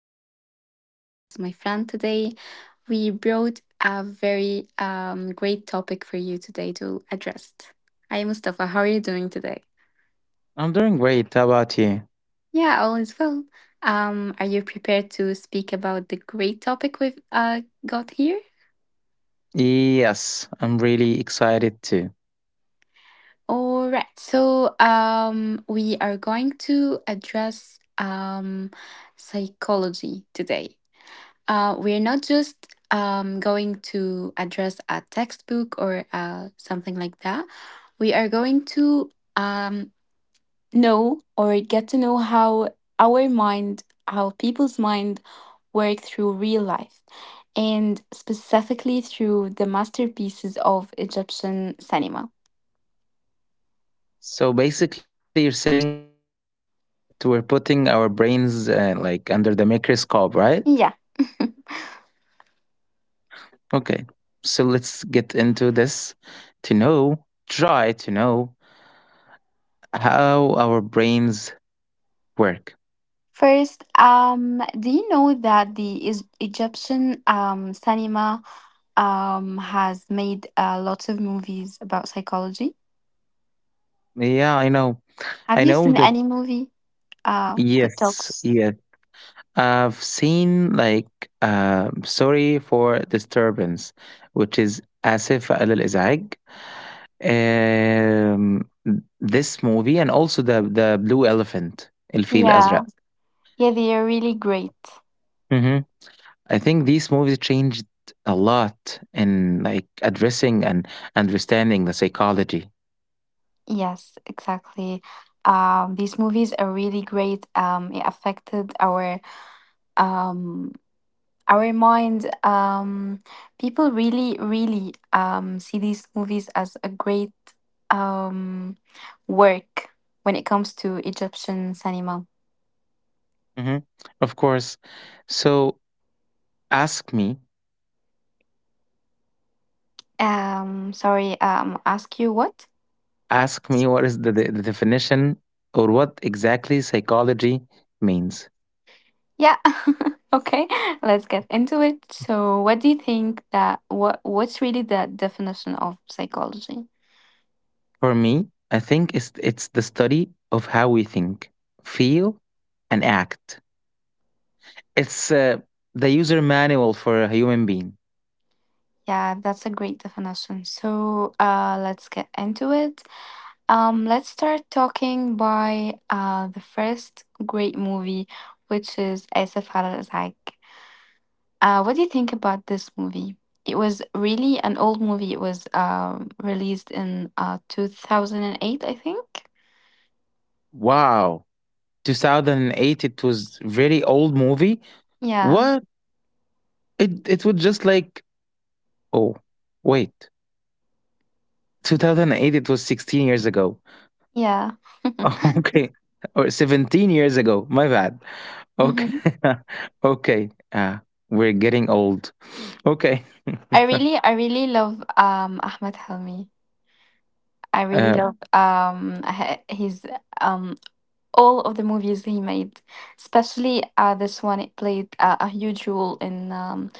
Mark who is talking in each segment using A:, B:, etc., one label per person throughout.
A: Having Mustafa as my friend today. We brought a very great topic for you today to address. Hi, Mustafa, how are you doing today?
B: I'm doing great. How about you?
A: Yeah, all is well. Are you prepared to speak about the great topic we've got here?
B: Yes, I'm really excited too.
A: All right. So we are going to address psychology today. We're not just going to address a textbook or something like that. We are going to um, know or get to know how our mind, how people's mind work through real life, and specifically through the masterpieces of Egyptian cinema.
B: So basically, you're saying that we're putting our brains like under the microscope, right?
A: Yeah.
B: Okay. So let's get into this to know, try to know how our brains work.
A: First, do you know that Egyptian cinema has made lots of movies about psychology?
B: Yeah, I know.
A: Have
B: I
A: you
B: know
A: seen
B: that.
A: any movie that
B: Yes,
A: talks?
B: yes. I've seen like sorry for disturbance, which is آسف على الإزعاج. Um, this movie and also the Blue Elephant الفيل الأزرق.
A: Yeah, yeah, they are really great.
B: اهم. I think these movies changed a lot in, like, addressing and understanding the psychology.
A: Yes, exactly. These movies are really great. It affected our um, I remind people really, really see these movies as a great um, work when it comes to Egyptian cinema.
B: Mhm. Of course. So ask me
A: Sorry, ask you what?
B: ask me what is the definition or what exactly psychology means.
A: Yeah. Okay, let's get into it. So, what do you think that what's really the definition of psychology?
B: For me, I think it's the study of how we think, feel, and act. It's the user manual for a human being.
A: Yeah, that's a great definition. So, let's get into it. Let's start talking by the first great movie, which is Asif Halal Ishaq. What do you think about this movie? It was really an old movie. It was released in 2008, I think.
B: Wow. 2008, it was very old movie.
A: Yeah,
B: What? It was just like, oh, wait. 2008, it was 16 years ago.
A: yeah.
B: Okay. Or 17 years ago. My bad. Okay.
A: hmm
B: Okay. We're getting old. Okay.
A: I really love Ahmed Helmi. I really
B: uh,
A: love his um, all of the movies he made, especially this one. It played a huge role in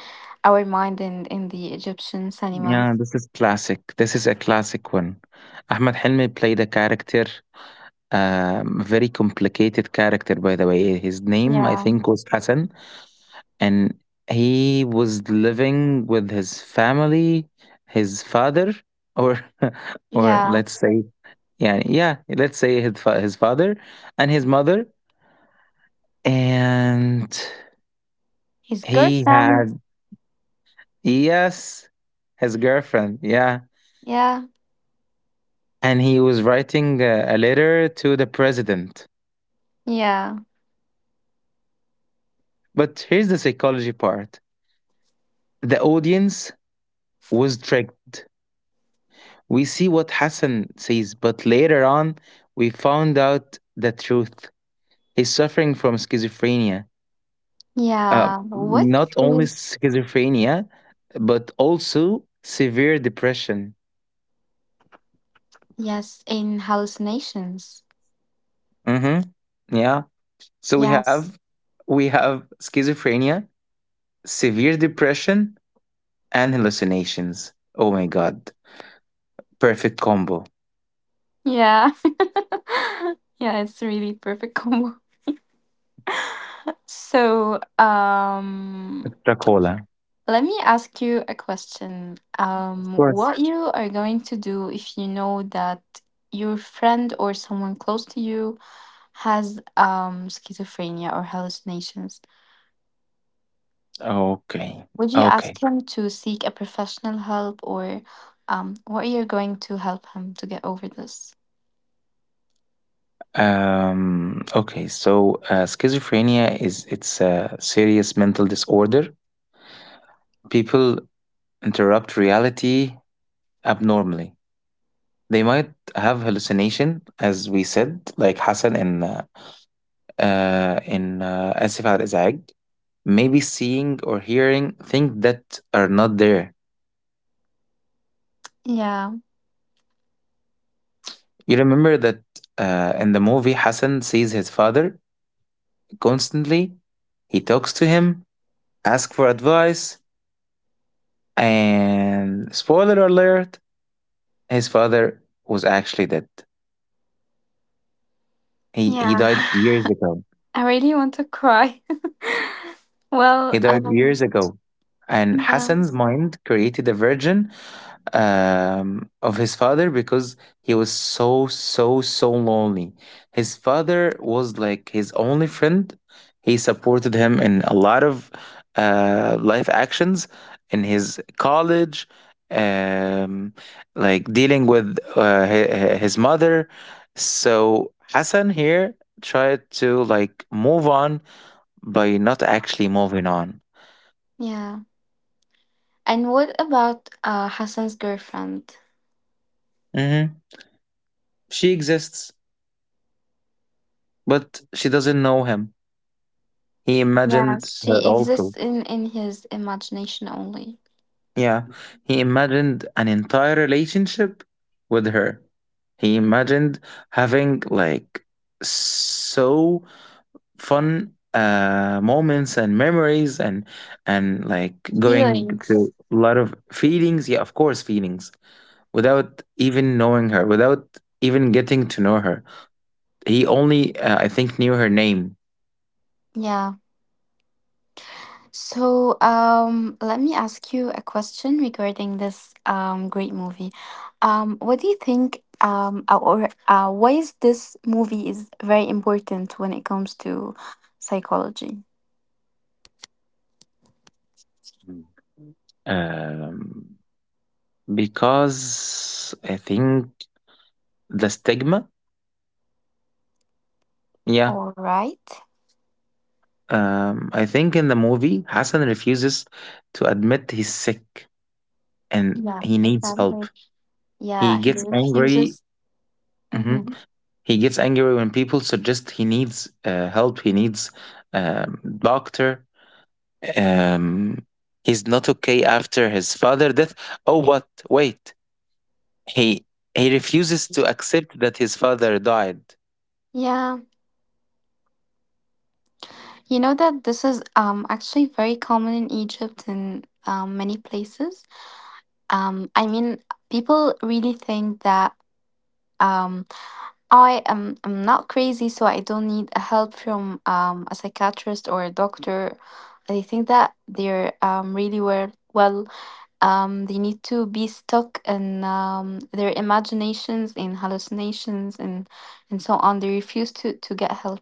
A: our mind and in the Egyptian cinema.
B: yeah, this is classic. This is a classic one. Ahmed Helmi played a character, very complicated character, by the way. His name, I
A: Yeah,
B: think, was Hassan, and he was living with his family, his father, or or
A: yeah.
B: let's say, yeah, yeah, let's say his father and his mother, and
A: His
B: he
A: girlfriend.
B: had, yes, his girlfriend, yeah,
A: Yeah,
B: and he was writing a letter to the president.
A: yeah,
B: But here's the psychology part: the audience was tricked. We see what Hassan says, but later on, we found out the truth. He's suffering from schizophrenia.
A: yeah. What
B: Not only
A: is
B: schizophrenia, but also severe depression.
A: yes in hallucinations?
B: Hmm. Yeah. So
A: Yes.
B: we have schizophrenia, severe depression, and hallucinations. Oh my god. Perfect combo.
A: Yeah. Yeah, it's really perfect combo. So,
B: Dracola.
A: let me ask you a question.
B: Of course.
A: What you are going to do if you know that your friend or someone close to you has schizophrenia or hallucinations?
B: Okay.
A: Would you
B: Okay.
A: ask him to seek a professional help or what you're going to help him to get over this?
B: Okay, so schizophrenia is, it's a serious mental disorder. People interrupt reality abnormally. They might have hallucination, as we said, like Hassan in Asif Al Izag. Maybe seeing or hearing things that are not there.
A: Yeah,
B: You remember that in the movie, Hassan sees his father constantly. He talks to him, asks for advice, and spoiler alert, his father was actually dead. He
A: yeah.
B: died years ago.
A: I really want to cry. Well,
B: He died years ago. And
A: yeah.
B: Hassan's mind created a version of his father because he was so so so lonely. His father was like his only friend. He supported him in a lot of life actions in his college, um, like dealing with his mother. So Hassan here tried to like move on by not actually moving on.
A: Yeah. And what about Hassan's girlfriend?
B: Hmm. She exists, but she doesn't know him. He
A: Yeah,
B: imagined her
A: she
B: also.
A: exists in his imagination only.
B: Yeah, he imagined an entire relationship with her. He imagined having like so fun moments and memories, and like going
A: Feelings.
B: to a lot of feelings. Yeah, of course, feelings without even knowing her, without even getting to know her. He only, I think, knew her name.
A: Yeah. So, let me ask you a question regarding this great movie. What do you think or why is this movie is very important when it comes to psychology?
B: Mm. um, because I think, the stigma? Yeah.
A: All right.
B: I think in the movie, Hassan refuses to admit he's sick and
A: Yeah,
B: he needs help.
A: exactly. Yeah,
B: He
A: he
B: gets angry.
A: refuses.
B: Mhm.
A: Mm-hmm.
B: He gets angry when people suggest he needs help. He needs, um, doctor. Um, he's not okay after his father' death. Oh, what? Wait. He he refuses to accept that his father died.
A: Yeah, you know that this is actually very common in Egypt and many places. I mean, people really think that um I'm not crazy, so I don't need a help from a psychiatrist or a doctor. I think that they're really well. Well, they need to be stuck in their imaginations, in hallucinations, and so on. They refuse to get help.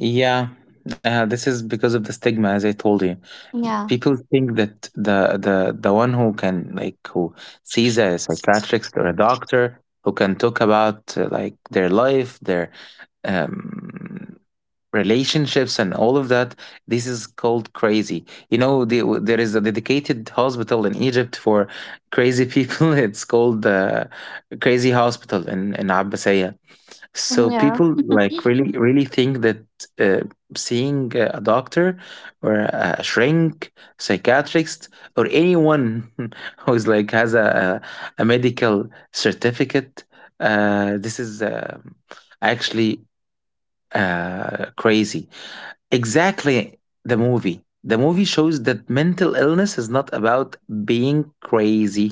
B: Yeah, this is because of the stigma, as I told you.
A: Yeah,
B: People think that the one who can, like, who sees a psychiatrist or a doctor who can talk about like their life, their um relationships and all of that, this is called crazy. You know, there is a dedicated hospital in Egypt for crazy people. It's called crazy hospital in Abbasiyah. So
A: yeah,
B: people like really really think that uh, seeing a doctor or a shrink, psychiatrist, or anyone who's like has a medical certificate, this is actually crazy. Exactly the movie. The movie shows that mental illness is not about being crazy;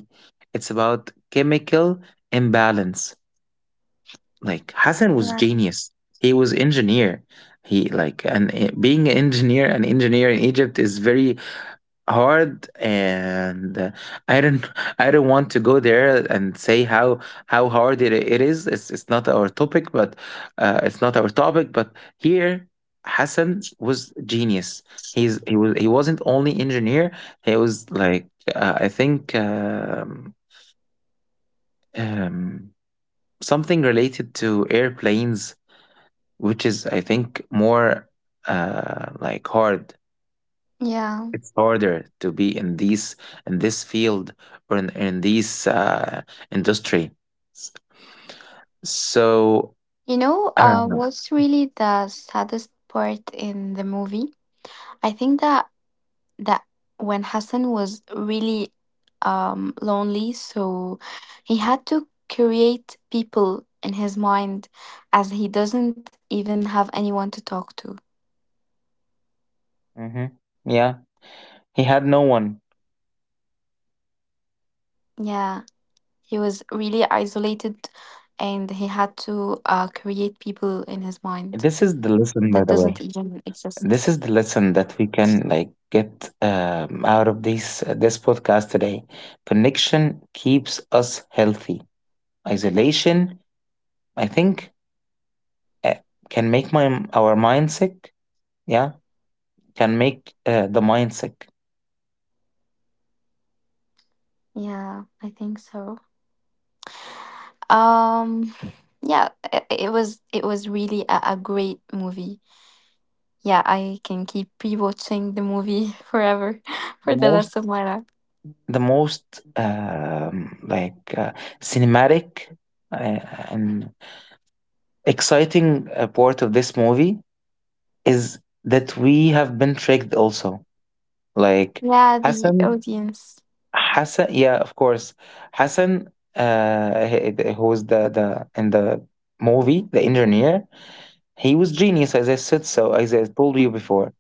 B: it's about chemical imbalance. Like Hassan was
A: yeah.
B: genius. He was engineer. He like, and being an engineer in Egypt is very hard, and I don't I don't want to go there and say how hard it is. It's not our topic, but it's not our topic. But here Hassan was genius. He's he was he wasn't only engineer. He was like, I think, um, um, something related to airplanes, which is I think more like hard.
A: Yeah.
B: It's harder to be in these in this field or in these industry. S- so
A: You know,
B: uh
A: what's really the saddest part in the movie? I think that when Hassan was really lonely, so he had to create people in his mind as he doesn't even have anyone to talk to.
B: mhm. Yeah, he had no one.
A: Yeah, he was really isolated and he had to create people in his mind that
B: This is the
A: doesn't
B: lesson,
A: even
B: by the way.
A: exist.
B: This is the lesson that we can like get out of this this podcast today. Connection keeps us healthy. Isolation, I think, uh, can make my our mind sick. Yeah, can make the mind sick.
A: Yeah, I think so. Um, yeah, it was really a great movie. Yeah, I can keep rewatching the movie forever for
B: the
A: the
B: most
A: rest of my life.
B: the most like cinematic uh, and exciting part of this movie is that we have been tricked also, like
A: Yeah, the
B: hassan
A: audience.
B: Hassan, yeah, of course. Hassan, who was the in the movie, the engineer, he was genius, as I said, so as I told you
A: Mhm.
B: before.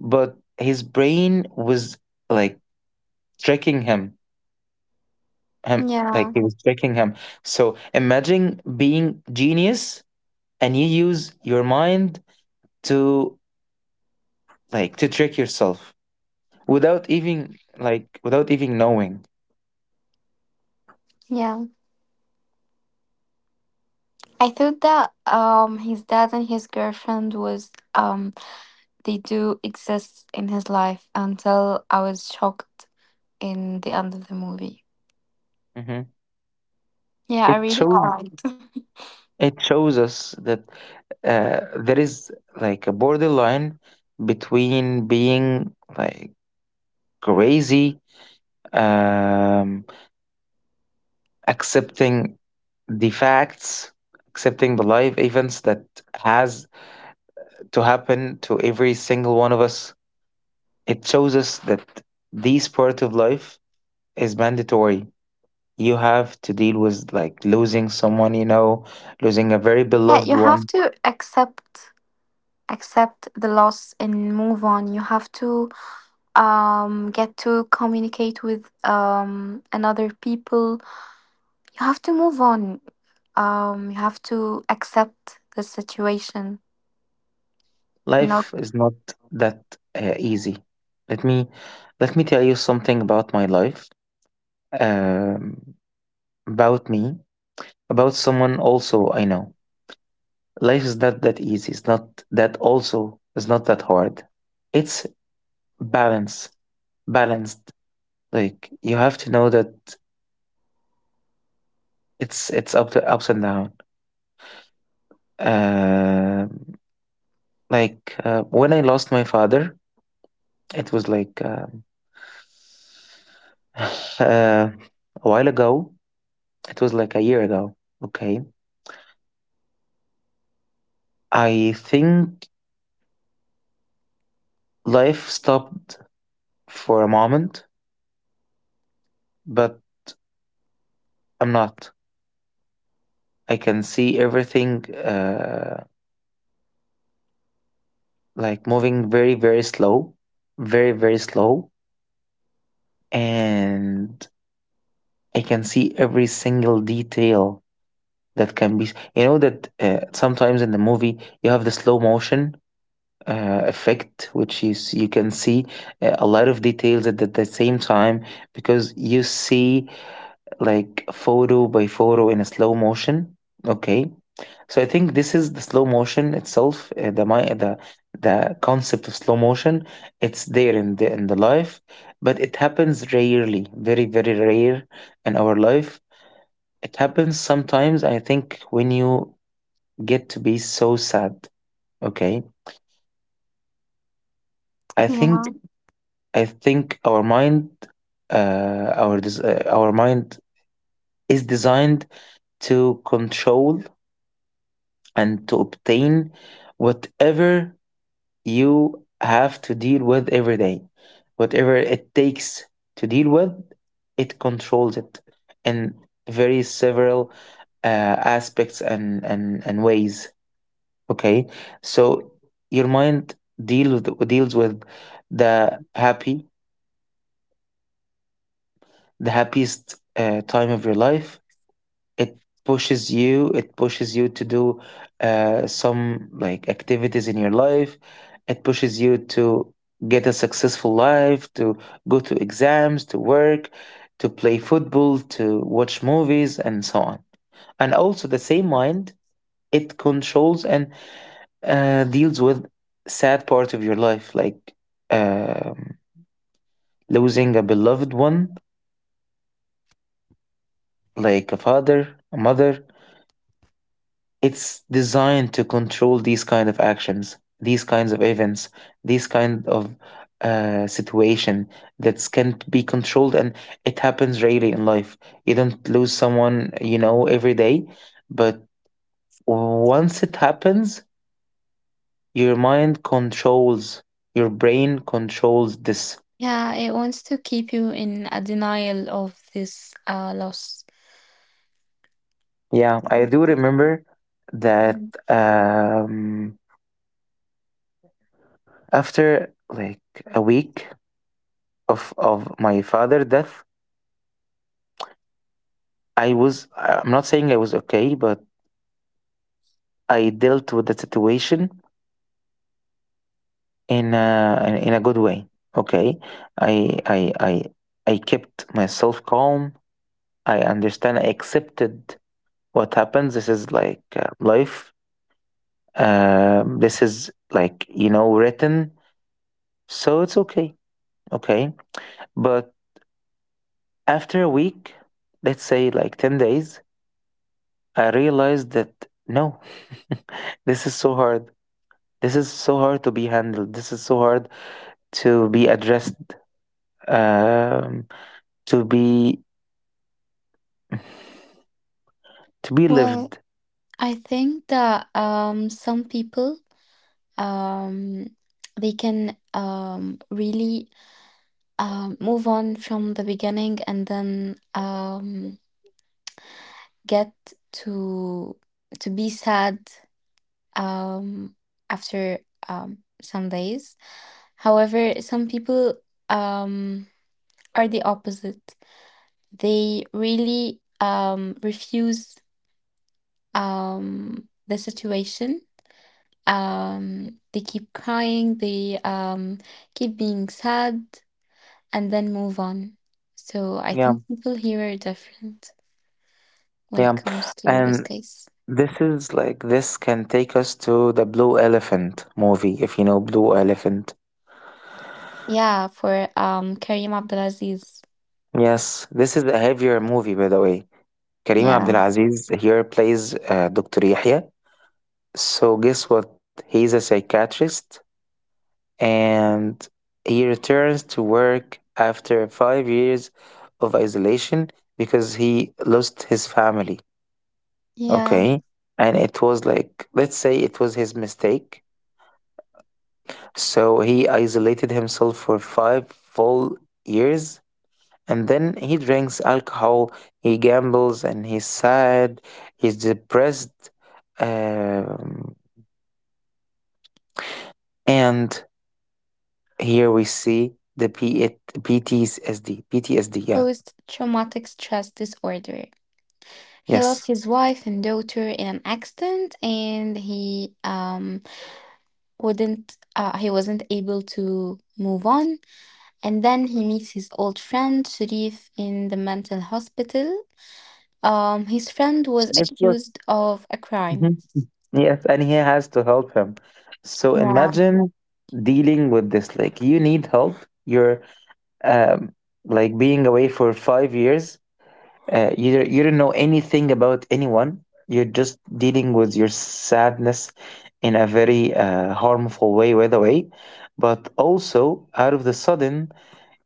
B: But his brain was like tricking him,
A: Yeah,
B: he was tricking him. So imagine being genius and you use your mind to like to trick yourself without even like without even knowing.
A: yeah. I thought that his dad and his girlfriend was they do exist in his life until I was shocked in the end of the movie.
B: Mhm.
A: Yeah, I
B: It
A: really
B: shows
A: cried.
B: it shows us that there is like a borderline between being like crazy, um, accepting the facts, accepting the life events that has to happen to every single one of us. It shows us that this part of life is mandatory. You have to deal with, like, losing someone you know, losing a very
A: Yeah,
B: beloved
A: you have
B: one.
A: to accept the loss and move on. You have to get to communicate with another people. You have to move on. You have to accept the situation, not
B: Life is not that easy. let me let me tell you something about my life, um, about me, about someone also I know. Life is not that easy, it's not that also, it's not that hard. It's balance, balanced. Like, you have to know that it's up to ups and down. Um, like when I lost my father, it was like uh, a while ago. It was like a year ago. Okay. I think life stopped for a moment, but I'm not. I can see everything like moving very, very slow, very, very slow. And I can see every single detail that can be. You know that sometimes in the movie you have the slow motion effect, which you can see a lot of details at the same time because you see like photo by photo in a slow motion. Okay, so I think this is the slow motion itself. The my the concept of slow motion, it's there in the life, but it happens rarely, very very rare in our life. It happens sometimes. I think when you get to be so sad. Okay, I think
A: Yeah,
B: I think our mind, our mind is designed to control and to obtain whatever you have to deal with every day. Whatever it takes to deal with, it controls it in very several uh, aspects and ways. Okay, so your mind deals with the happy, the happiest time of your life. It it pushes you to do some, like, activities in your life. It pushes you to get a successful life, to go to exams, to work, to play football, to watch movies, and so on. And also the same mind, it controls and, deals with sad part of your life, like, um, losing a beloved one, like a father, a mother. It's designed to control these kind of actions, these kinds of events, these kind of situation that can be controlled, and it happens rarely in life. You don't lose someone you know every day, but once it happens, your mind controls, your brain controls this.
A: yeah, it wants to keep you in a denial of this loss.
B: Yeah, I do remember that
A: Mhm.
B: um, after like a week of my father death, I am not saying I was okay, but I dealt with the situation in a in in a good way. Okay, I I I I kept myself calm. I understand. I accepted what happened. This is like life. This is like, you know, written. So it's okay. Okay, but after a week, let's say like 10 days, I realized that no, this is so hard. This is so hard to be handled. This is so hard to be addressed, um, to be
A: Well,
B: lived.
A: I think that some people um, they can really move on from the beginning and then get to be sad um, after some days. However, some people um, are the opposite. They really refuse the situation. They keep crying, they keep being sad, and then move on. So I
B: Yeah,
A: think people here are different when it
B: yeah.
A: comes to this
B: And
A: case.
B: this is like this can take us to the Blue Elephant movie, if you know Blue Elephant.
A: Yeah, for Karim Abdulaziz.
B: Yes, this is a heavier movie, by the way. Kareem
A: Yeah.
B: Abdulaziz here plays Dr. Yahya. So guess what? He's a psychiatrist and he returns to work after 5 years of isolation because he lost his family.
A: Yeah.
B: Okay. And it was like, let's say it was his mistake. So he isolated himself for five full years. And then he drinks alcohol, he gambles, and he's sad, he's depressed. Um, and here we see the PTSD, yeah.
A: Post traumatic stress disorder. He
B: Yes.
A: lost his wife and daughter in an accident, and he wasn't able to move on, and then he meets his old friend Sharif in the mental hospital. His friend was
B: Yes, sir.
A: accused of a crime.
B: Mhm. Yes, and he has to help him. So
A: Yeah.
B: imagine dealing with this. Like you need help. You're um, like being away for 5 years. You don't know anything about anyone. You're just dealing with your sadness in a very harmful way, by the way. But also, out of the sudden,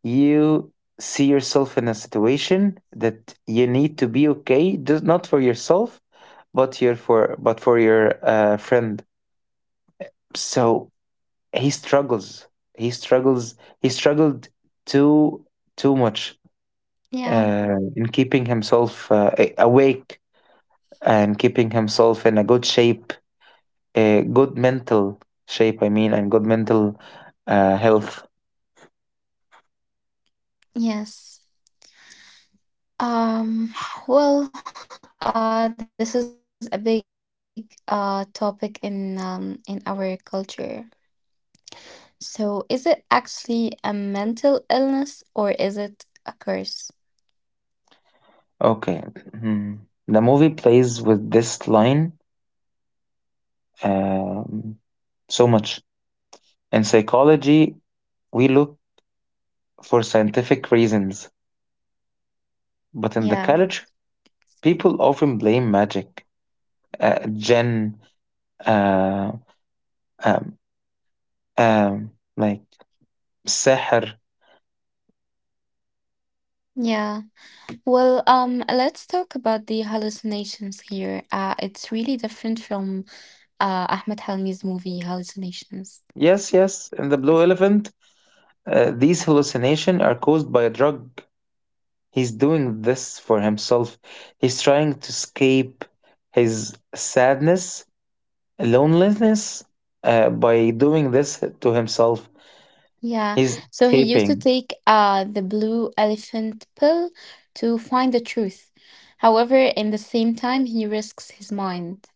B: you see yourself in a situation that you need to be okay, just not for yourself, but your for but for your friend. So he struggles. He struggles. He struggled too too much
A: Yeah.
B: in keeping himself awake and keeping himself in a good shape, a good mental shape. I mean, and good mental health.
A: Yes. um well, this is a big topic in our culture. So, is it actually a mental illness or is it a curse?
B: Okay. Mhm. The movie plays with this line um, so much. In psychology, we look for scientific reasons, but in
A: Yeah.
B: the culture people often blame magic, jinn, uh, um, um, like sihr.
A: Yeah. Well, let's talk about the hallucinations here. It's really different from Ahmed Helmi's movie Hallucinations.
B: Yes, yes, in the Blue Elephant, these hallucinations are caused by a drug. He's doing this for himself. He's trying to escape his sadness, loneliness, by doing this to himself.
A: Yeah,
B: He's
A: so he used to
B: escaping.
A: take the blue elephant pill to find the truth. However, in the same time, he risks his mind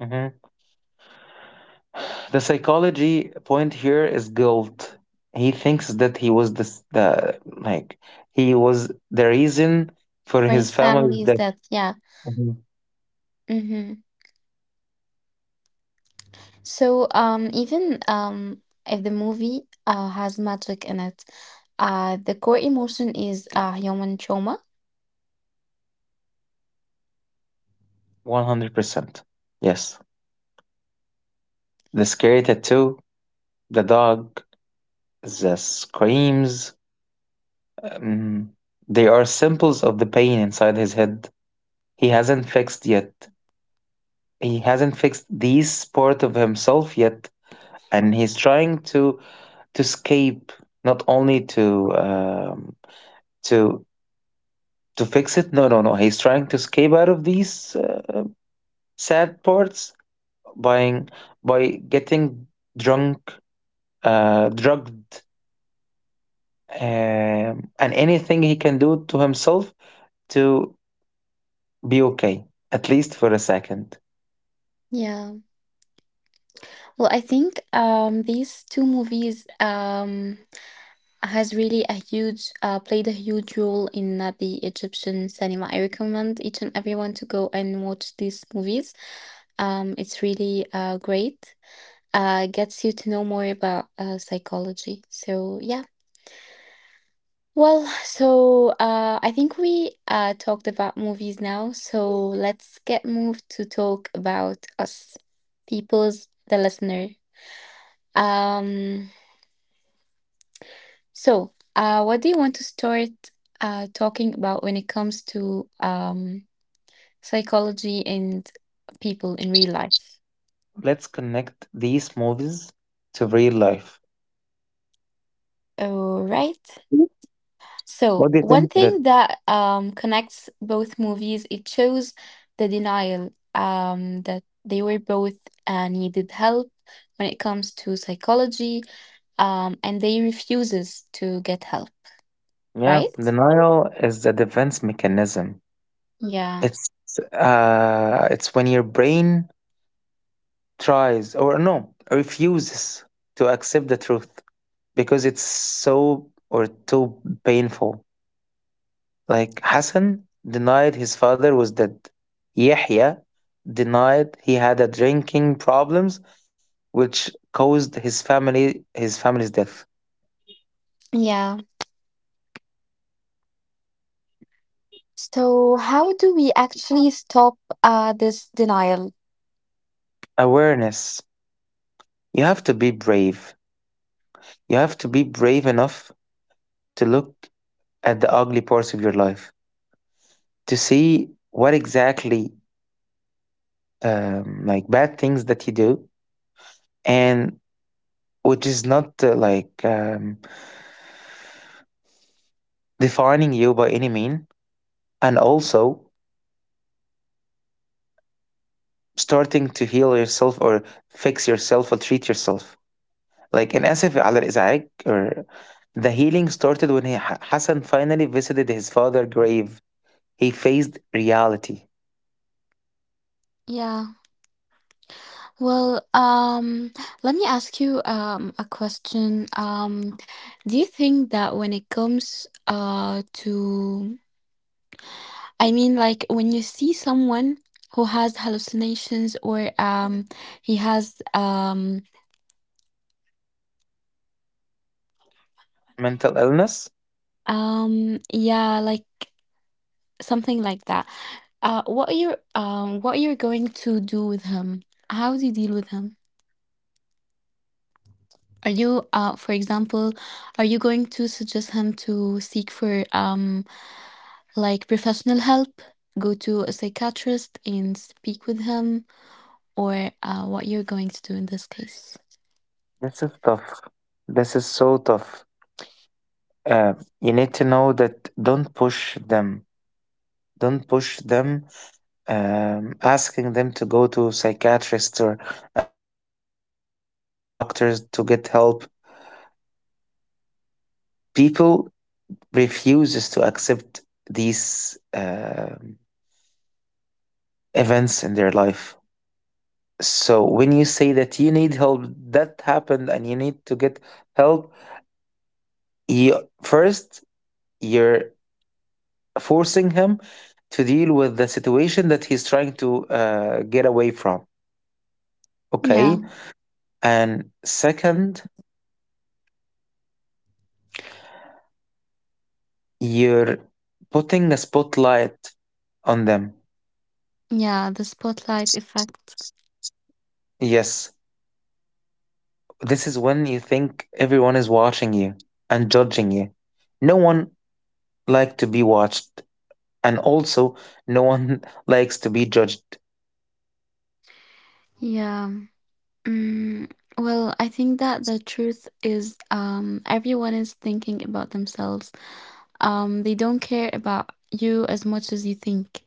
B: Mm-hmm. The psychology point here is guilt. He thinks that he was this the like he was the reason for
A: for
B: his
A: his
B: family's
A: family's
B: death.
A: death. Yeah.
B: Mhm.
A: Mm-hmm. So, even if the movie has magic in it, the core emotion is human trauma.
B: 100%. Yes. The scary tattoo, the dog, the screams, um, they are symbols of the pain inside his head. He hasn't fixed yet. He hasn't fixed this part of himself yet, and he's trying to escape, not only um, to to fix it. No, no, no. He's trying to escape out of these sad parts by getting drunk, drugged, and anything he can do to himself to be okay, at least for a second.
A: Yeah. Well, I think these two movies has really a huge played a huge role in the Egyptian cinema. I recommend each and everyone to go and watch these movies. It's really great. Gets you to know more about psychology. So yeah. Well, so I think we talked about movies now. So let's get moved to talk about us, people's the listener. Um, So, what do you want to start talking about when it comes to psychology and people in real life?
B: Let's connect these movies to real life.
A: All right. So,
B: What do you
A: one
B: think that?
A: thing that connects both movies, it shows the denial that they were both needed help when it comes to psychology, and they refuses to get help,
B: Yeah,
A: right?
B: denial is a defense mechanism.
A: Yeah.
B: It's it's when your brain tries or no refuses to accept the truth because it's so or too painful. Like Hassan denied his father was dead. Yahya denied he had a drinking problems, which caused his family's death.
A: Yeah. So, how do we actually stop this denial?
B: Awareness. You have to be brave. You have to be brave enough to look at the ugly parts of your life, to see what exactly, like bad things that you do, and which is not defining you by any mean, and also starting to heal yourself or fix yourself or treat yourself, like in اسف على الإزعاج, or the healing started when he, Hassan, finally visited his father's grave. He faced reality.
A: Yeah. Well, let me ask you a question. Do you think that when it comes to I mean like when you see someone who has hallucinations or he has
B: Mental illness.
A: yeah, like something like that. What you're what you're going to do with him? How do you deal with him? Are you, for example, are you going to suggest him to seek for like professional help, go to a psychiatrist and speak with him, or what you're going to do in this case?
B: This is tough. This is so tough. uh, you need to know that don't push them. Don't push them, asking them to go to psychiatrists or doctors to get help. People refuses to accept these events in their life. So when you say that you need help, that happened, and you need to get help, you first you're forcing him to deal with the situation that he's trying to get away from.
A: Yeah,
B: Okay, and second, you're putting a spotlight on them.
A: yeah, the spotlight effect.
B: Yes, this is when you think everyone is watching you and judging you. No one likes to be watched, and also no one likes to be judged.
A: Yeah. Mm, well, I think that the truth is, everyone is thinking about themselves. They don't care about you as much as you think.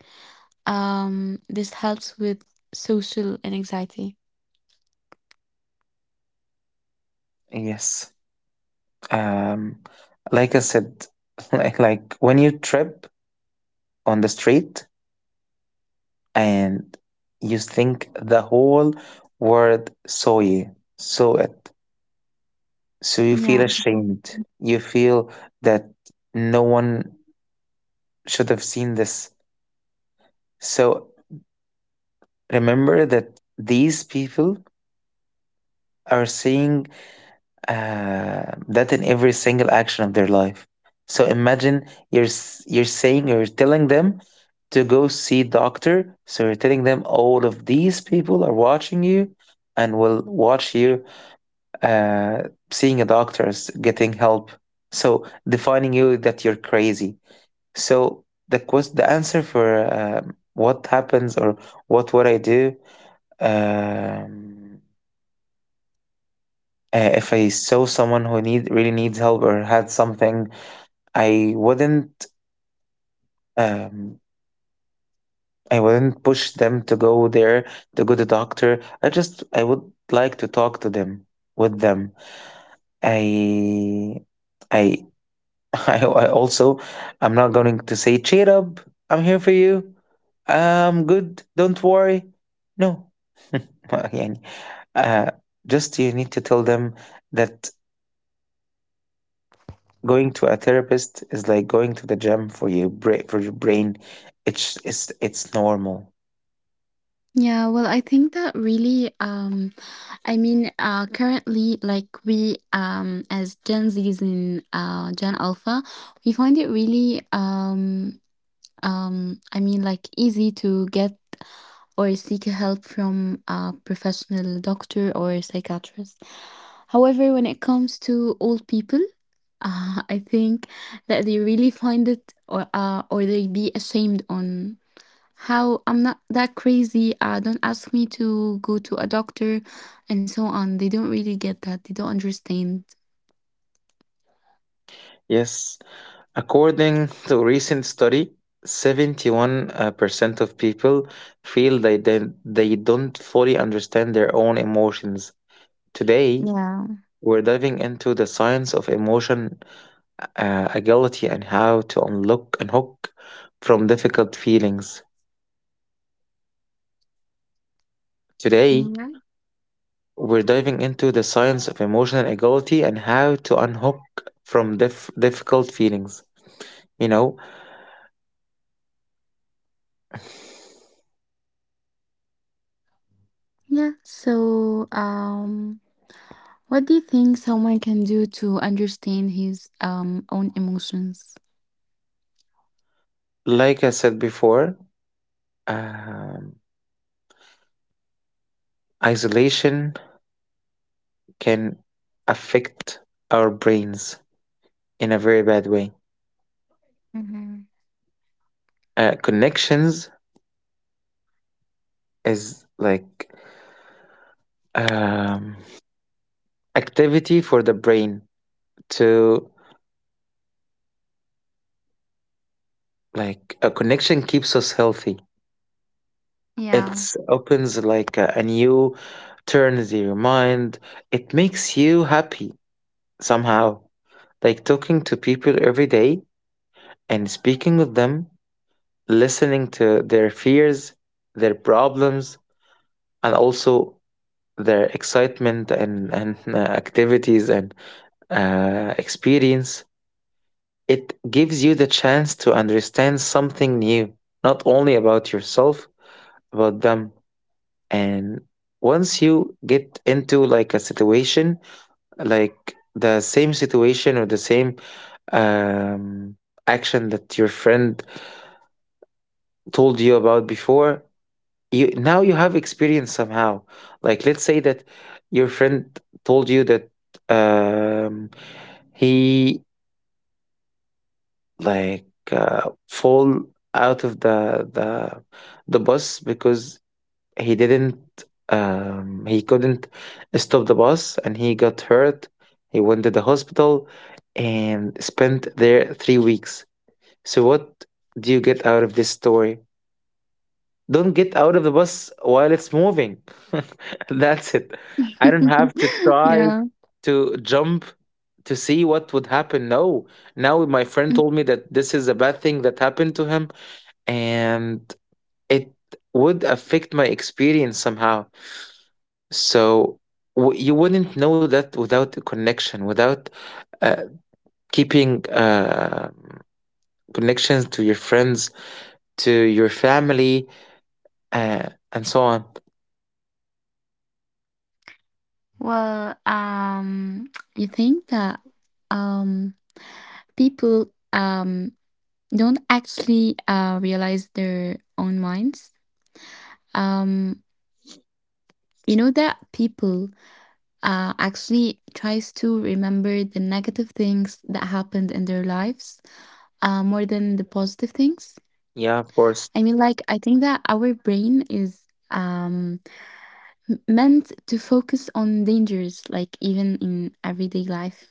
A: This helps with social anxiety.
B: Yes. Um, like I said, like when you trip on the street and you think the whole world saw it. So you
A: Yeah.
B: feel ashamed. You feel that no one should have seen this. So remember that these people are seeing that in every single action of their life. So imagine you're saying you're telling them to go see doctor. So you're telling them all of these people are watching you and will watch you uh, seeing a doctor, getting help. So defining you that you're crazy. So the answer for what happens or what would I do, um, if I saw someone who need really needs help or had something, I wouldn't um, I wouldn't push them to go there, to go to doctor. I would like to talk to them with them. I I I also I'm not going to say cheer up. I'm here for you. I'm good. Don't worry. No, يعني uh, just you need to tell them that going to a therapist is like going to the gym for your for your brain. It's normal.
A: Yeah, well, I think that really I mean currently like we as Gen Z's in Gen Alpha, we find it really I mean like easy to get or seek help from a professional doctor or psychiatrist. However, when it comes to old people, I think that they really find it or they be ashamed on how I'm not that crazy. Don't ask me to go to a doctor and so on. They don't really get that. They don't understand.
B: Yes, according to a recent study, 71% of people feel they don't fully understand their own emotions. Today,
A: Yeah.
B: we're diving into the science of emotion agility and how to unlock and hook from difficult feelings. Today,
A: Mhm.
B: we're diving into the science of emotional equality and how to unhook from difficult feelings. You know,
A: Yeah. So, what do you think someone can do to understand his own emotions?
B: like I said before, um, isolation can affect our brains in a very bad way.
A: Mhm.
B: Connections is like um, activity for the brain to like a connection keeps us healthy.
A: Yeah.
B: It opens like a new turns your mind. It makes you happy somehow. Like talking to people every day and speaking with them, listening to their fears, their problems, and also their excitement and activities and experience. It gives you the chance to understand something new, not only about yourself, about them. And once you get into like a situation like the same situation or the same um, action that your friend told you about before, you now you have experience somehow. Like let's say that your friend told you that, um, he like fall out of the bus because he didn't, he couldn't stop the bus and he got hurt. He went to the hospital and spent there 3 weeks. So, what do you get out of this story? Don't get out of the bus while it's moving. That's it. I don't have to
A: Yeah.
B: try to jump to see what would happen. No, now
A: Mm.
B: my friend told me that this is a bad thing that happened to him, and it would affect my experience somehow. So you wouldn't know that without a connection, without uh, keeping connections to your friends, to your family, and so on.
A: Well, you think that um people don't actually realize their own minds? um, you know that people actually tries to remember the negative things that happened in their lives more than the positive things.
B: Yeah, of
A: I mean
B: course.
A: like I think that our brain is meant to focus on dangers, like even in everyday life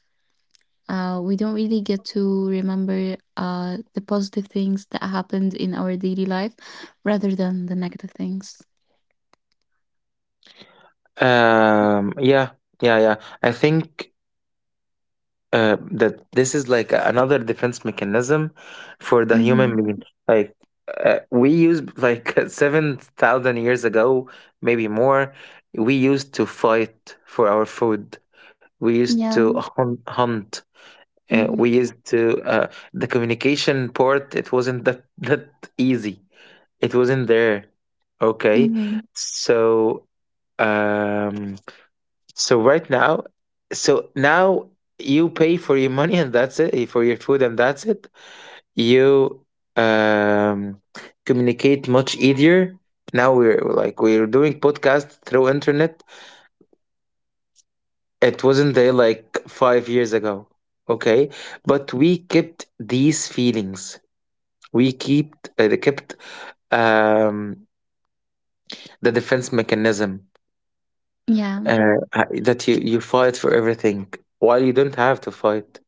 A: we don't really get to remember the positive things that happened in our daily life rather than the negative things.
B: Um, yeah, yeah. I think that this is like another defense mechanism for the human
A: Mm-hmm.
B: being. Like we used like 7,000 years ago, maybe more. We used to fight for our food. We used to
A: Yeah.
B: hunt. We
A: Mm-hmm.
B: used to the communication part. It wasn't that that easy. It wasn't there. Okay,
A: Mm-hmm.
B: so um so right now now you pay for your money and that's it, eh, for your food and that's it. You um communicate much easier. Now we're doing podcast through internet. It wasn't there like 5 years ago. Okay. But we kept these feelings. We kept um the defense mechanism,
A: Yeah.
B: uh, that you fight for everything while you don't have to fight.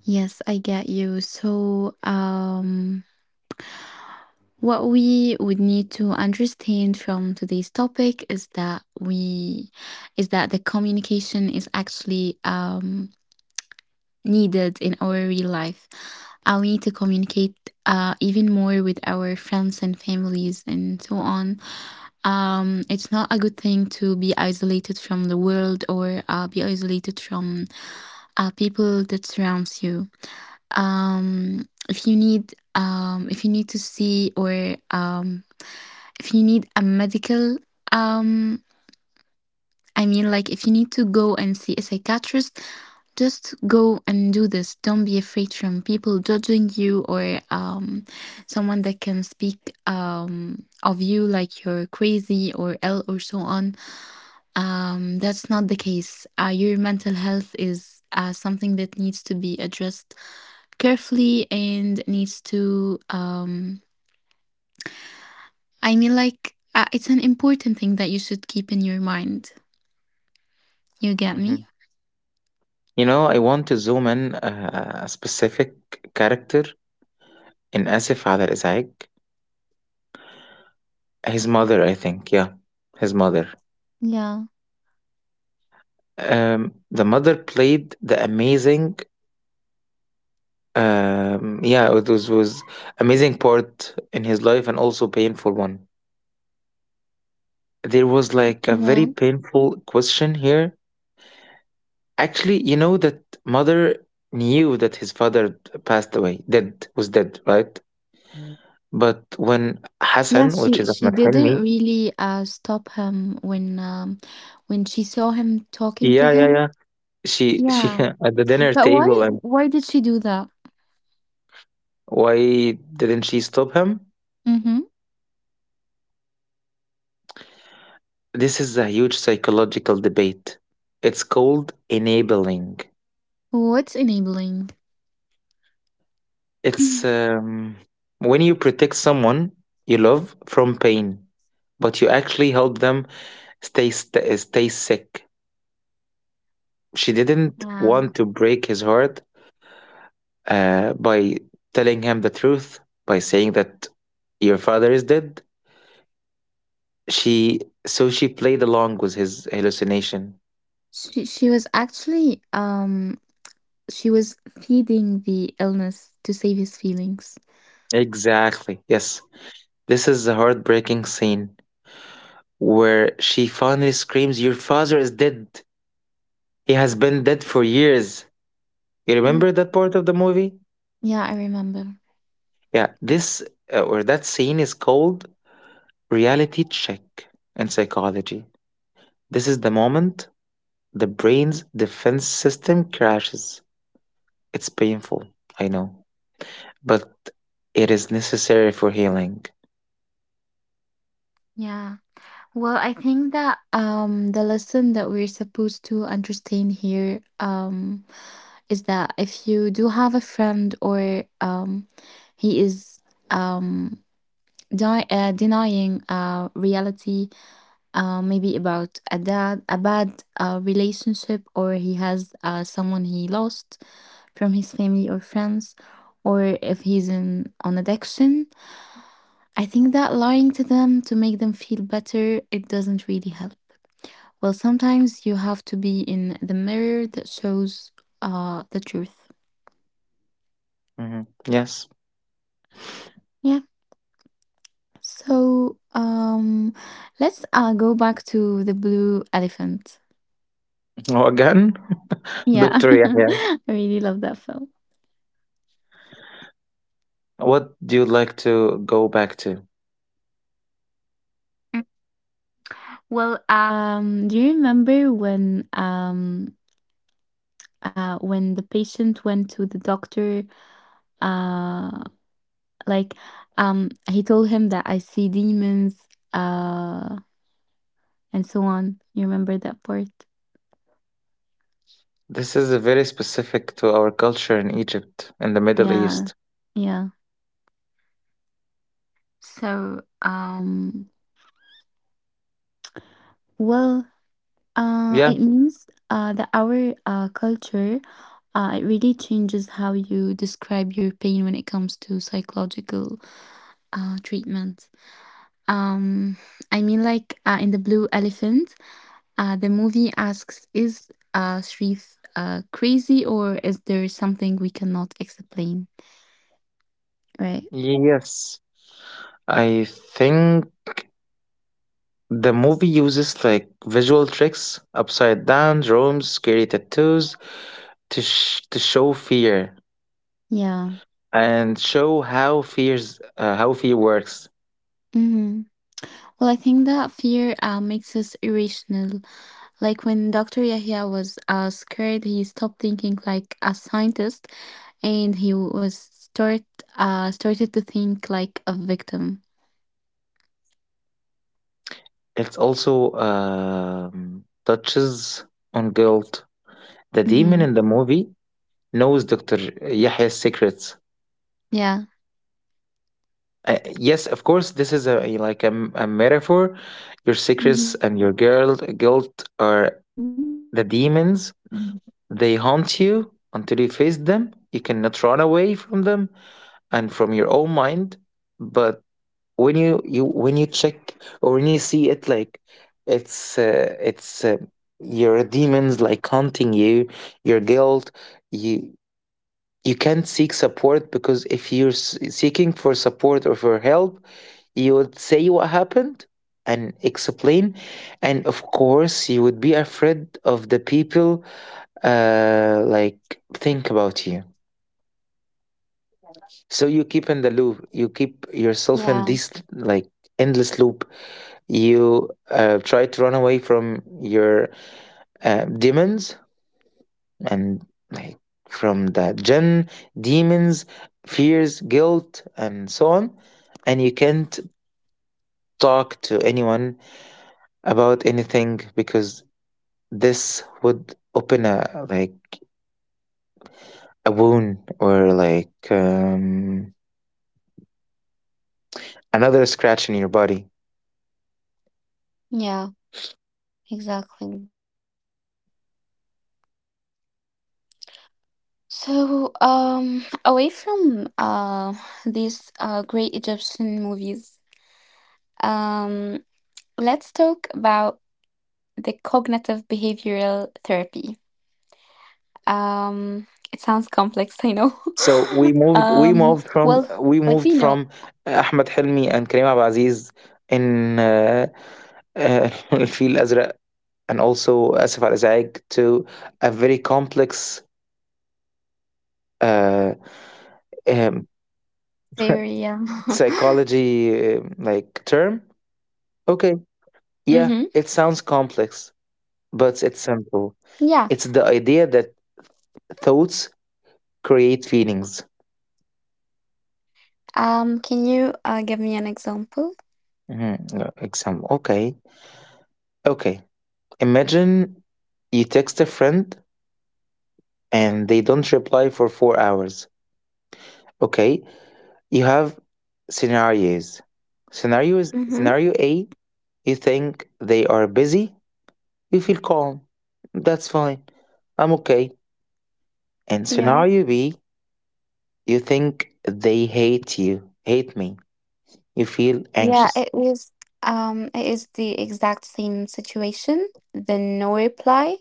A: Yes, I get you. So, what we would need to understand from today's topic is that the communication is actually needed in our real life. We need to communicate even more with our friends and families and so on. It's not a good thing to be isolated from the world or be isolated from people that surrounds you. If you need if you need to see or if you need a medical um, I mean like if you need to go and see a psychiatrist, just go and do this. Don't be afraid from people judging you or someone that can speak of you like you're crazy or ill or so on. That's not the case. Your mental health is something that needs to be addressed carefully and needs to it's an important thing that you should keep in your mind, you get
B: Mhm.
A: me?
B: You know, I want to zoom in a specific character in Asif على الإزعاج. His mother, I think. Yeah, his mother.
A: Yeah,
B: The mother played the amazing, was amazing part in his life and also painful one. There was like a very
A: yeah,
B: painful question here. Actually, you know that mother knew that his father passed away, dead, was dead, right? But when
A: yeah,
B: Hassan, which
A: she
B: is
A: she
B: Ahmed
A: didn't
B: Helmi,
A: really stop him when she saw him talking to
B: yeah, yeah,
A: him.
B: yeah, she
A: Yeah,
B: at the dinner
A: but why
B: table, and
A: why did she do that?
B: why didn't she stop him?
A: Mm-hmm.
B: This is a huge psychological debate. It's called enabling.
A: What's enabling?
B: It's, when you protect someone you love from pain, but you actually help them stay sick. She didn't
A: Yeah,
B: want to break his heart by telling him the truth, by saying that your father is dead. She she played along with his hallucination.
A: she was actually she was feeding the illness to save his feelings.
B: Exactly. Yes. This is the heartbreaking scene where she finally screams, "Your father is dead. He has been dead for years." You remember that part of the movie?
A: Yeah, I remember.
B: Yeah, this or that scene is called reality check in psychology. This is the moment the brain's defense system crashes. It's painful, I know, but it is necessary for healing.
A: Yeah. Well, I think that the lesson that we're supposed to understand here, is that if you do have a friend or he is um denying reality, maybe about a bad relationship, or he has someone he lost from his family or friends, or if he's in on addiction, I think that lying to them to make them feel better, it doesn't really help. Well, sometimes you have to be in the mirror that shows the truth.
B: Hmm. Yes.
A: Yeah. So, let's go back to The Blue Elephant.
B: Oh, again,
A: Yeah.
B: Dr. Yahya.
A: I really love that film.
B: What do you like to go back to?
A: Mm. Well, do you remember when the patient went to the doctor, uh like, he told him that I see demons, uh, and so on. You remember that part?
B: This is a very specific to our culture in Egypt and the Middle
A: Yeah,
B: East.
A: yeah. So, well, it
B: Yeah.
A: means that our culture, it really changes how you describe your pain when it comes to psychological treatment. Um, I mean, like, in the Blue Elephant, the movie asks, is Sharif crazy, or is there something we cannot explain? Right.
B: Yes. I think the movie uses like visual tricks, upside down rooms, scary tattoos, to show fear
A: Yeah.
B: and show how fear works.
A: Hmm. Well, I think that fear makes us irrational. Like when Dr. Yahya was scared, he stopped thinking like a scientist, and he was start started to think like a victim.
B: It also touches on guilt. The demon
A: Hmm.
B: in the movie knows Doctor Yahya's secrets.
A: Yeah.
B: Yes, of course, this is a metaphor. Your secrets
A: Hmm.
B: and your guilt are the demons. They haunt you until you face them. You cannot run away from them and from your own mind. But when you check or when you see it like it's your demons like haunting you, your guilt, you you can't seek support because if you're seeking for support or for help, you would say what happened and explain, and of course you would be afraid of the people like think about you. So you keep in the loop. You keep yourself in this
A: Yeah.
B: like endless loop. You try to run away from your demons and like from the jinn, demons, fears, guilt, and so on. And you can't talk to anyone about anything because this would open a like a wound or like another scratch in your body.
A: Yeah. Exactly. So, away from these great Egyptian movies, um, let's talk about the cognitive behavioral therapy. Um, it sounds complex,
B: So
A: I know.
B: we
A: um,
B: moved
A: well,
B: from
A: what do you
B: Ahmed
A: know?
B: Hilmi and Kareem Abdul Aziz in الفيل الأزرق and also آسف على الإزعاج to a very complex uh, um,
A: Theory.
B: psychology like term. Okay, yeah, it sounds complex,
A: Mm-hmm.
B: but it's simple. It's the idea that thoughts create feelings.
A: Can you give me an example?
B: Mhm, Example. Okay, okay. Imagine you text a friend and they don't reply for 4 hours. Okay, you have scenarios.
A: Mm-hmm.
B: Scenario A, you think they are busy, you feel calm. That's fine. I'm okay. And
A: Yeah.
B: scenario B, you think they hate you, hate me. You feel
A: Yeah, it
B: anxious.
A: is, it is the exact same situation, the no reply.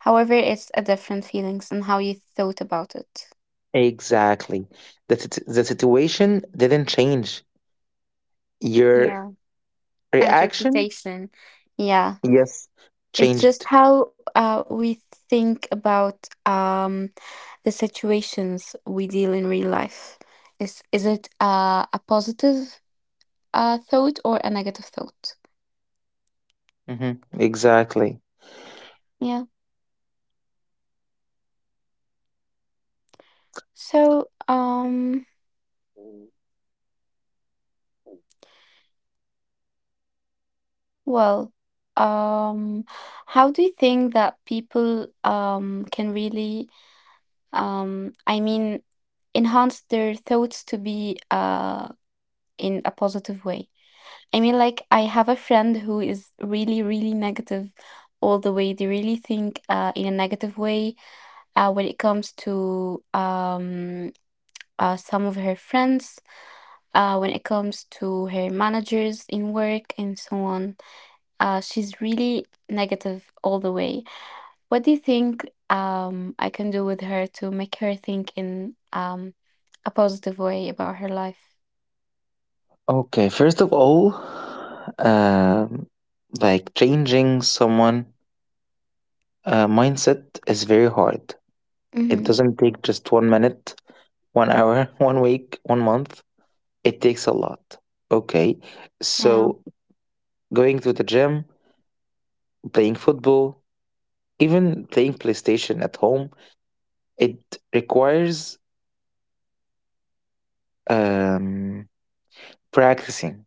A: However, it's a different feelings and how you thought about it.
B: Exactly. The situation didn't change. Your
A: Yeah,
B: reaction,
A: interpretation. Yeah.
B: yes,
A: It's just
B: changed.
A: how we think about the situations we deal in real life. Is it a positive thought or a negative thought?
B: hmm Exactly.
A: Yeah. So, well, um, how do you think that people can really um I mean enhance their thoughts to be in a positive way? I mean, like, I have a friend who is really, really negative all the way. They really think in a negative way when it comes to some of her friends, when it comes to her managers in work and so on. She's really negative all the way. What do you think I can do with her to make her think in a positive way about her life?
B: Okay, first of all, um, like changing someone mindset is very hard. It
A: Mm-hmm.
B: doesn't take just 1 minute, 1 hour, one week, one month. It takes a lot. Okay,
A: Yeah.
B: so going to the gym, playing football, even playing PlayStation at home, it requires um, practicing.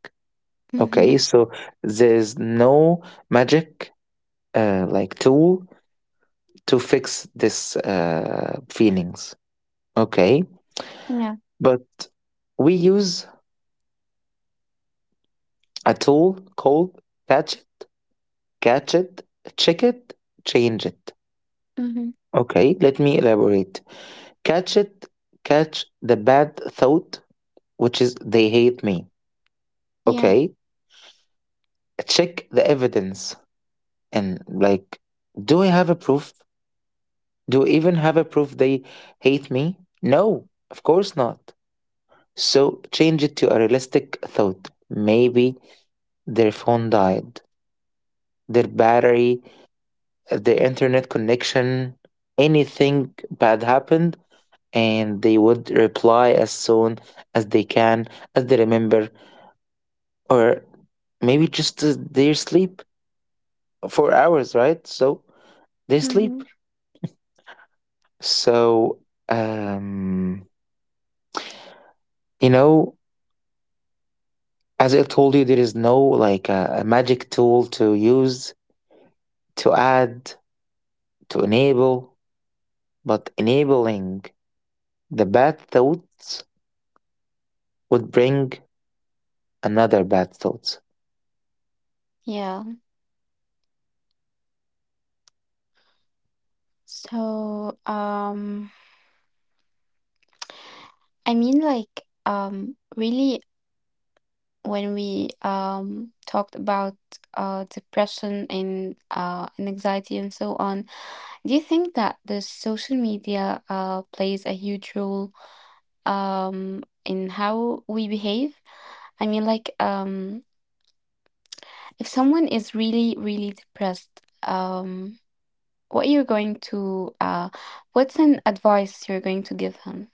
B: Okay,
A: Mm-hmm.
B: so there's no magic like tool to fix this feelings. Okay,
A: Yeah.
B: but we use a tool called catch it, catch it, check it, change it.
A: Mm-hmm.
B: Okay, let me elaborate. Catch it, catch the bad thought, which is they hate me.
A: Yeah.
B: Okay, check the evidence and like, do I have a proof? Do I even have a proof they hate me? No, of course not. So change it to a realistic thought. Maybe their phone died, their battery, their internet connection, anything bad happened, and they would reply as soon as they can, as they remember, or maybe just their sleep for hours, right? So they
A: Mm-hmm.
B: sleep. So, um, you know, as I told you, there is no like a magic tool to use to add to enable, but enabling the bad thoughts would bring another bad thoughts.
A: Yeah. So, I mean, like, really, when we talked about depression and anxiety and so on, do you think that the social media plays a huge role in how we behave? I mean, like, if someone is really, really depressed, um, what you're going to, what's an advice you're going to give him?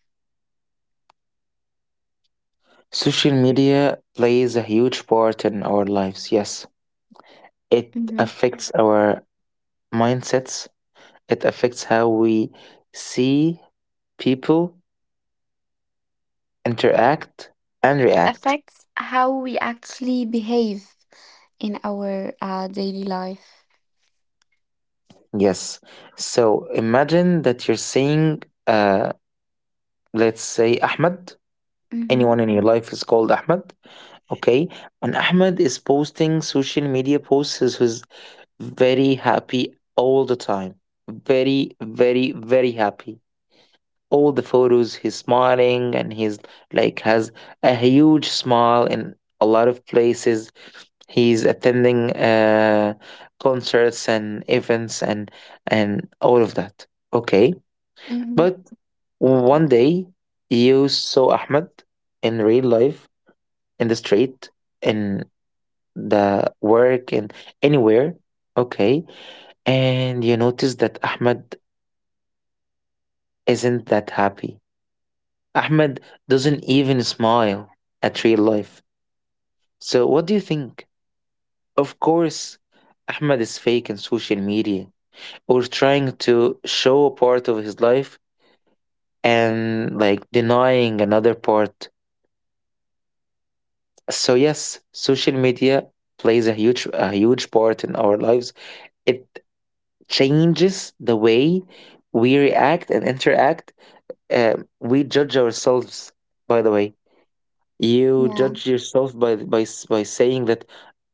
B: Social media plays a huge part in our lives. Yes, it
A: Mm-hmm.
B: affects our mindsets. It affects how we see people interact and
A: It
B: react.
A: affects how we actually behave in our daily life.
B: Yes. So imagine that you're seeing, uh, let's say, Ahmed.
A: Mm-hmm.
B: Anyone in your life is called Ahmed. Okay, and Ahmed is posting social media posts. He's very happy all the time. Very, very, very happy. All the photos, he's smiling and he's like has a huge smile in a lot of places. He's attending concerts and events and all of that. Okay,
A: Mm-hmm.
B: but one day you saw Ahmed in real life in the street in the work and anywhere. Okay. And you notice that Ahmed isn't that happy. Ahmed doesn't even smile at real life. So, what do you think? Of course, Ahmed is fake on social media or trying to show a part of his life and like denying another part. So, yes, social media plays a huge part in our lives. It changes the way we react and interact. We judge ourselves, by the way. You
A: Yeah.
B: judge yourself by saying that,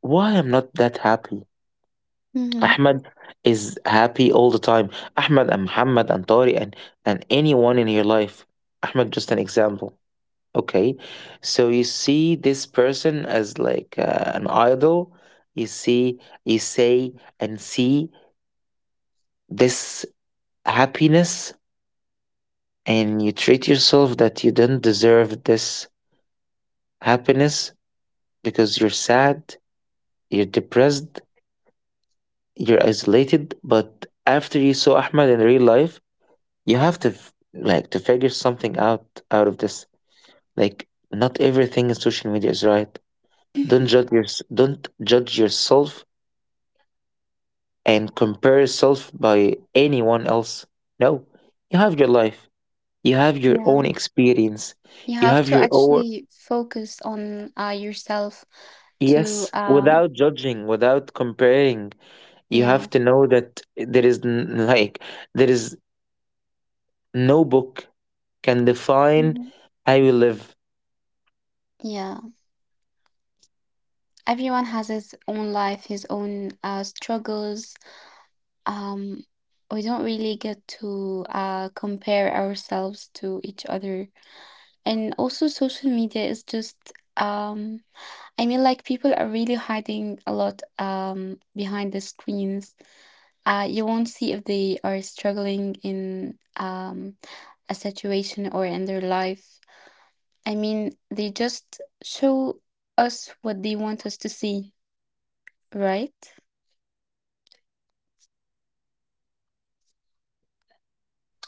B: why I'm not that happy?
A: Mm-hmm.
B: Ahmed is happy all the time. Ahmed and Muhammad and Tari and anyone in your life. Ahmed, just an example. Okay. So you see this person as like an idol. You see, you say and see this happiness and you treat yourself that you don't deserve this happiness because you're sad, you're depressed, you're isolated. But after you saw Ahmed in real life, you have to like to figure something out out of this. Like not everything in social media is right. Don't judge your, don't judge yourself and compare yourself by anyone else. No, you have your life. You have your own experience.
A: You
B: You
A: have
B: have
A: to
B: your own.
A: actually focus on yourself to
B: Yes, without judging, without comparing, you
A: yeah.
B: have to know that there is like there is no book can define
A: Mhm.
B: how you live.
A: Yeah. Everyone has his own life, his own struggles. Um we don't really get to compare ourselves to each other. And also social media is just um people are really hiding a lot behind the screens. You won't see if they are struggling in a situation or in their life. I mean, they just show us what they want us to see, right?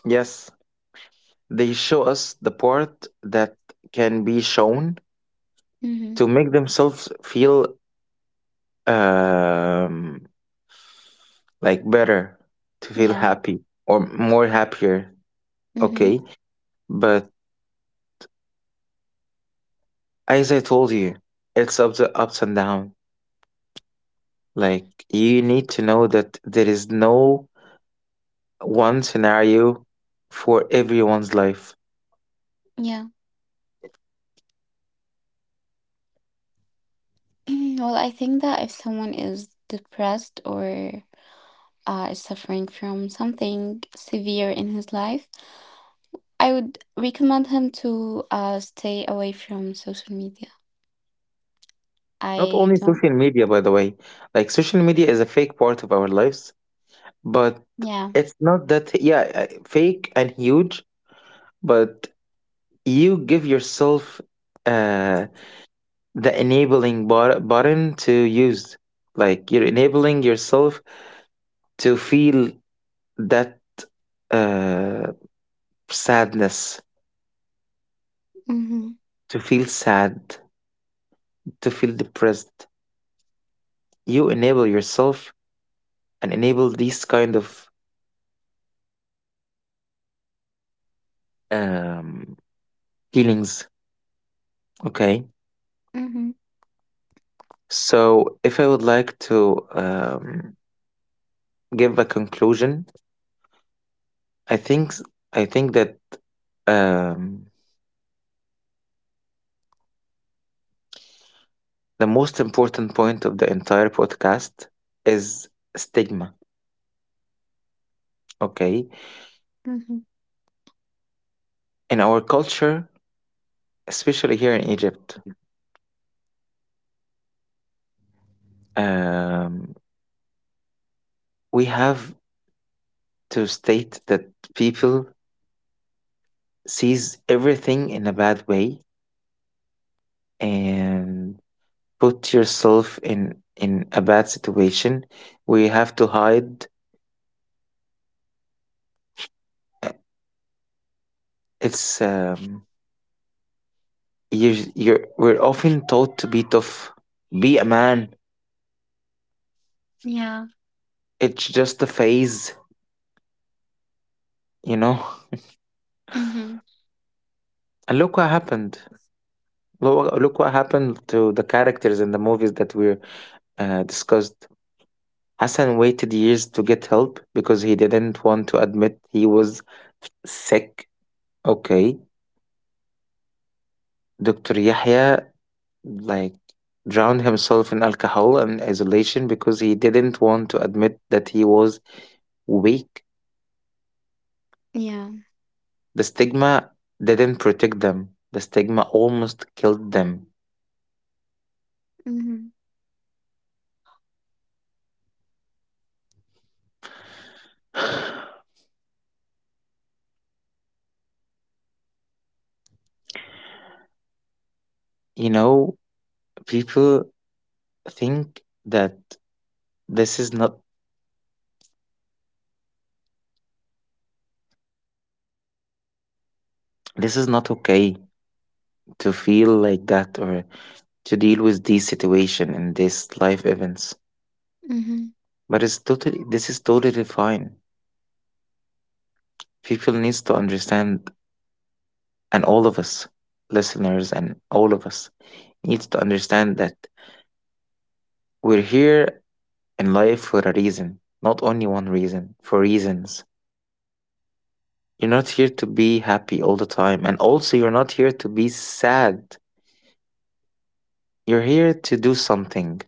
B: Yes, they show us the part that can be shown
A: Mm-hmm.
B: to make themselves feel um, like better, to feel
A: Yeah.
B: happy or more happier.
A: Mm-hmm.
B: Okay, but as I told you, it's ups and down. Like you need to know that there is no one scenario for everyone's life.
A: Yeah. well, I think that if someone is depressed or is suffering from something severe in his life, I would recommend him to stay away from social media.
B: Not
A: I
B: only
A: don't.
B: social media, by the way, like social media is a fake part of our lives, but
A: Yeah.
B: it's not that, yeah, fake and huge, but you give yourself uh, the enabling button to use like you're enabling yourself to feel that uh, sadness,
A: Mm-hmm.
B: to feel sad, to feel depressed. You enable yourself and enable these kind of um, feelings. Okay,
A: Mm-hmm.
B: so if I would like to give a conclusion, i think s- I think that um, the most important point of the entire podcast is stigma. Okay.
A: Mm-hmm.
B: In our culture, especially here in Egypt, um, we have to state that people sees everything in a bad way and put yourself in a bad situation. We have to hide. Uh, It's you. You're. We're often taught to be tough. Be a man.
A: Yeah.
B: It's just a phase, you know.
A: Mm-hmm.
B: And look what happened. Look what happened to the characters in the movies that we're discussed. Hassan waited years to get help because he didn't want to admit he was sick. Okay, Dr. Yahya like drowned himself in alcohol and isolation because he didn't want to admit that he was weak. The
A: Yeah.
B: stigma didn't protect them. The stigma almost killed them.
A: Mm-hmm.
B: You know, people think that this is not this is not okay to feel like that or to deal with these situation and these life events. But it's totally
A: Mm-hmm.
B: this is totally fine. People needs to understand, and all of us, listeners and all of us, needs to understand that we're here in life for a reason, not only one reason, for reasons. You're not here to be happy all the time, and also you're not here to be sad. You're here to do something,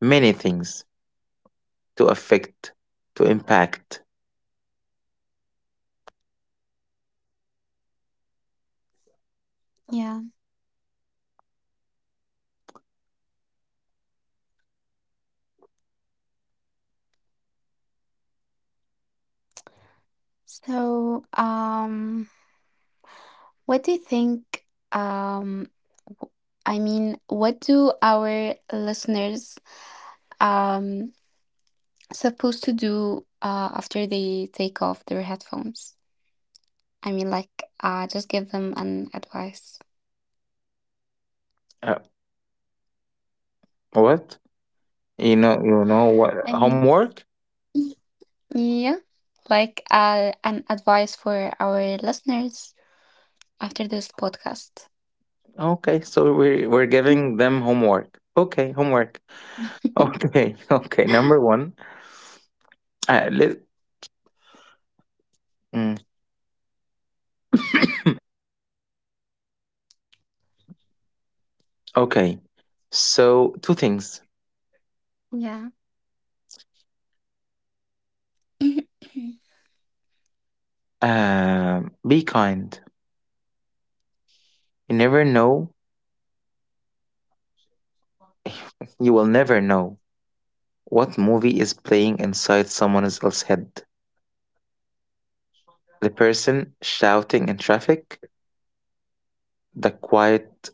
B: many things, to affect, to impact.
A: Yeah. So, what do you think? Um, w- I mean, what do our listeners um supposed to do after they take off their headphones? I mean, like, just give them an advice.
B: Uh, what? You know what?
A: I mean,
B: Homework?
A: y- yeah, like an advice for our listeners after this podcast.
B: Okay, so we're giving them homework. Okay, homework. Okay, okay. Number one, uh, let, mm, okay. So two things.
A: yeah.
B: Be kind. You never know. You will never know what movie is playing inside someone else's head. The person shouting in traffic, the quiet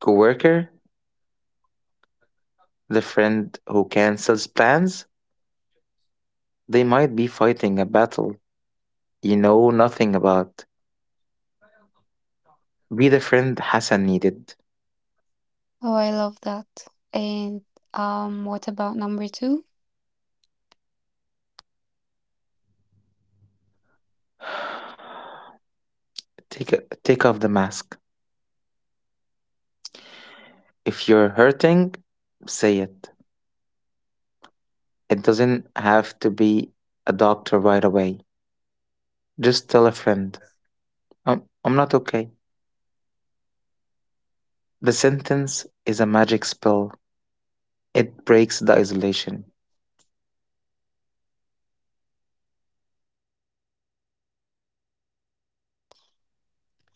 B: coworker, the friend who cancels plans. They might be fighting a battle you know nothing about. Be the friend Hassan needed.
A: Oh, I love that. And what about number two?
B: Take Take off the mask. If you're hurting, say it. It doesn't have to be a doctor right away. Just tell a friend, I'm not okay. The sentence is a magic spell. It breaks the isolation.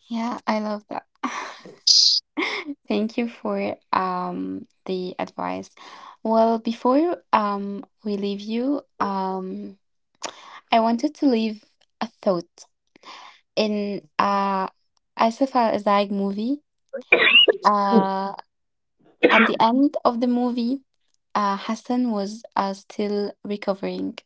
A: Yeah, I love that. Thank you for the advice. Well, before we leave you, I wanted to leave a thought in Asif Al-Azaiq movie. Uh, at the end of the movie, Hassan was still recovering.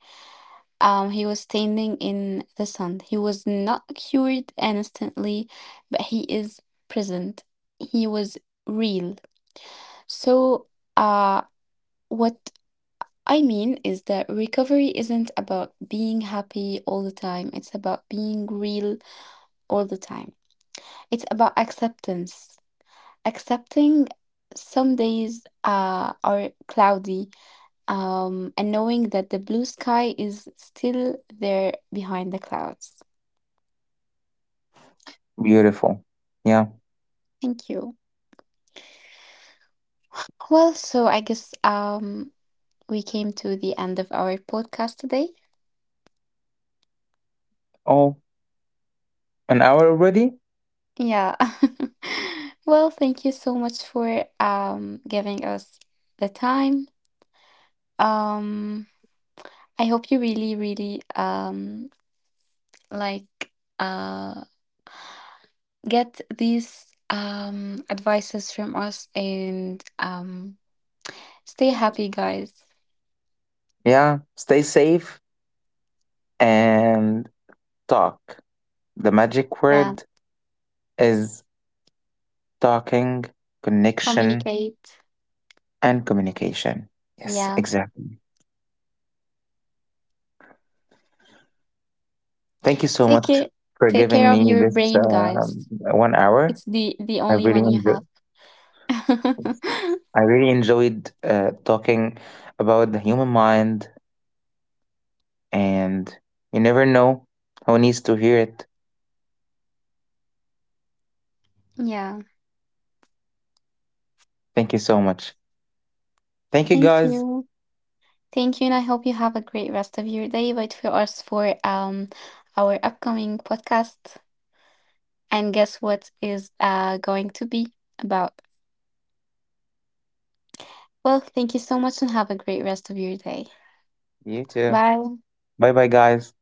A: He was standing in the sun. He was not cured instantly, but he is present. He was real. So, uh, what I mean is that recovery isn't about being happy all the time, it's about being real all the time. It's about acceptance. Accepting some days are cloudy, and knowing that the blue sky is still there behind the clouds.
B: Beautiful. Yeah.
A: Thank you. Well, so I guess we came to the end of our podcast today.
B: Oh, an hour already?
A: Yeah. Well, thank you so much for giving us the time. Um I hope you really, really like uh get these advices from us, and stay happy, guys.
B: Yeah, stay safe and talk. The magic
A: Yeah.
B: word is talking, connection,
A: Communicate.
B: and communication. Yes,
A: Yeah.
B: exactly. Thank you so
A: Take
B: much
A: care,
B: for
A: take
B: giving
A: care of
B: me
A: your
B: this
A: brain, guys.
B: 1 hour.
A: It's the
B: I
A: only
B: really
A: one you have.
B: enjoyed. I really enjoyed talking about the human mind, and you never know who needs to hear it.
A: yeah.
B: Thank you so much. Thank you,
A: Thank
B: guys.
A: you. Thank you. And I hope you have a great rest of your day. Wait for us for our upcoming podcast. And guess what is going to be about? Well, thank you so much and have a great rest of your day.
B: You too.
A: Bye.
B: Bye, bye, guys.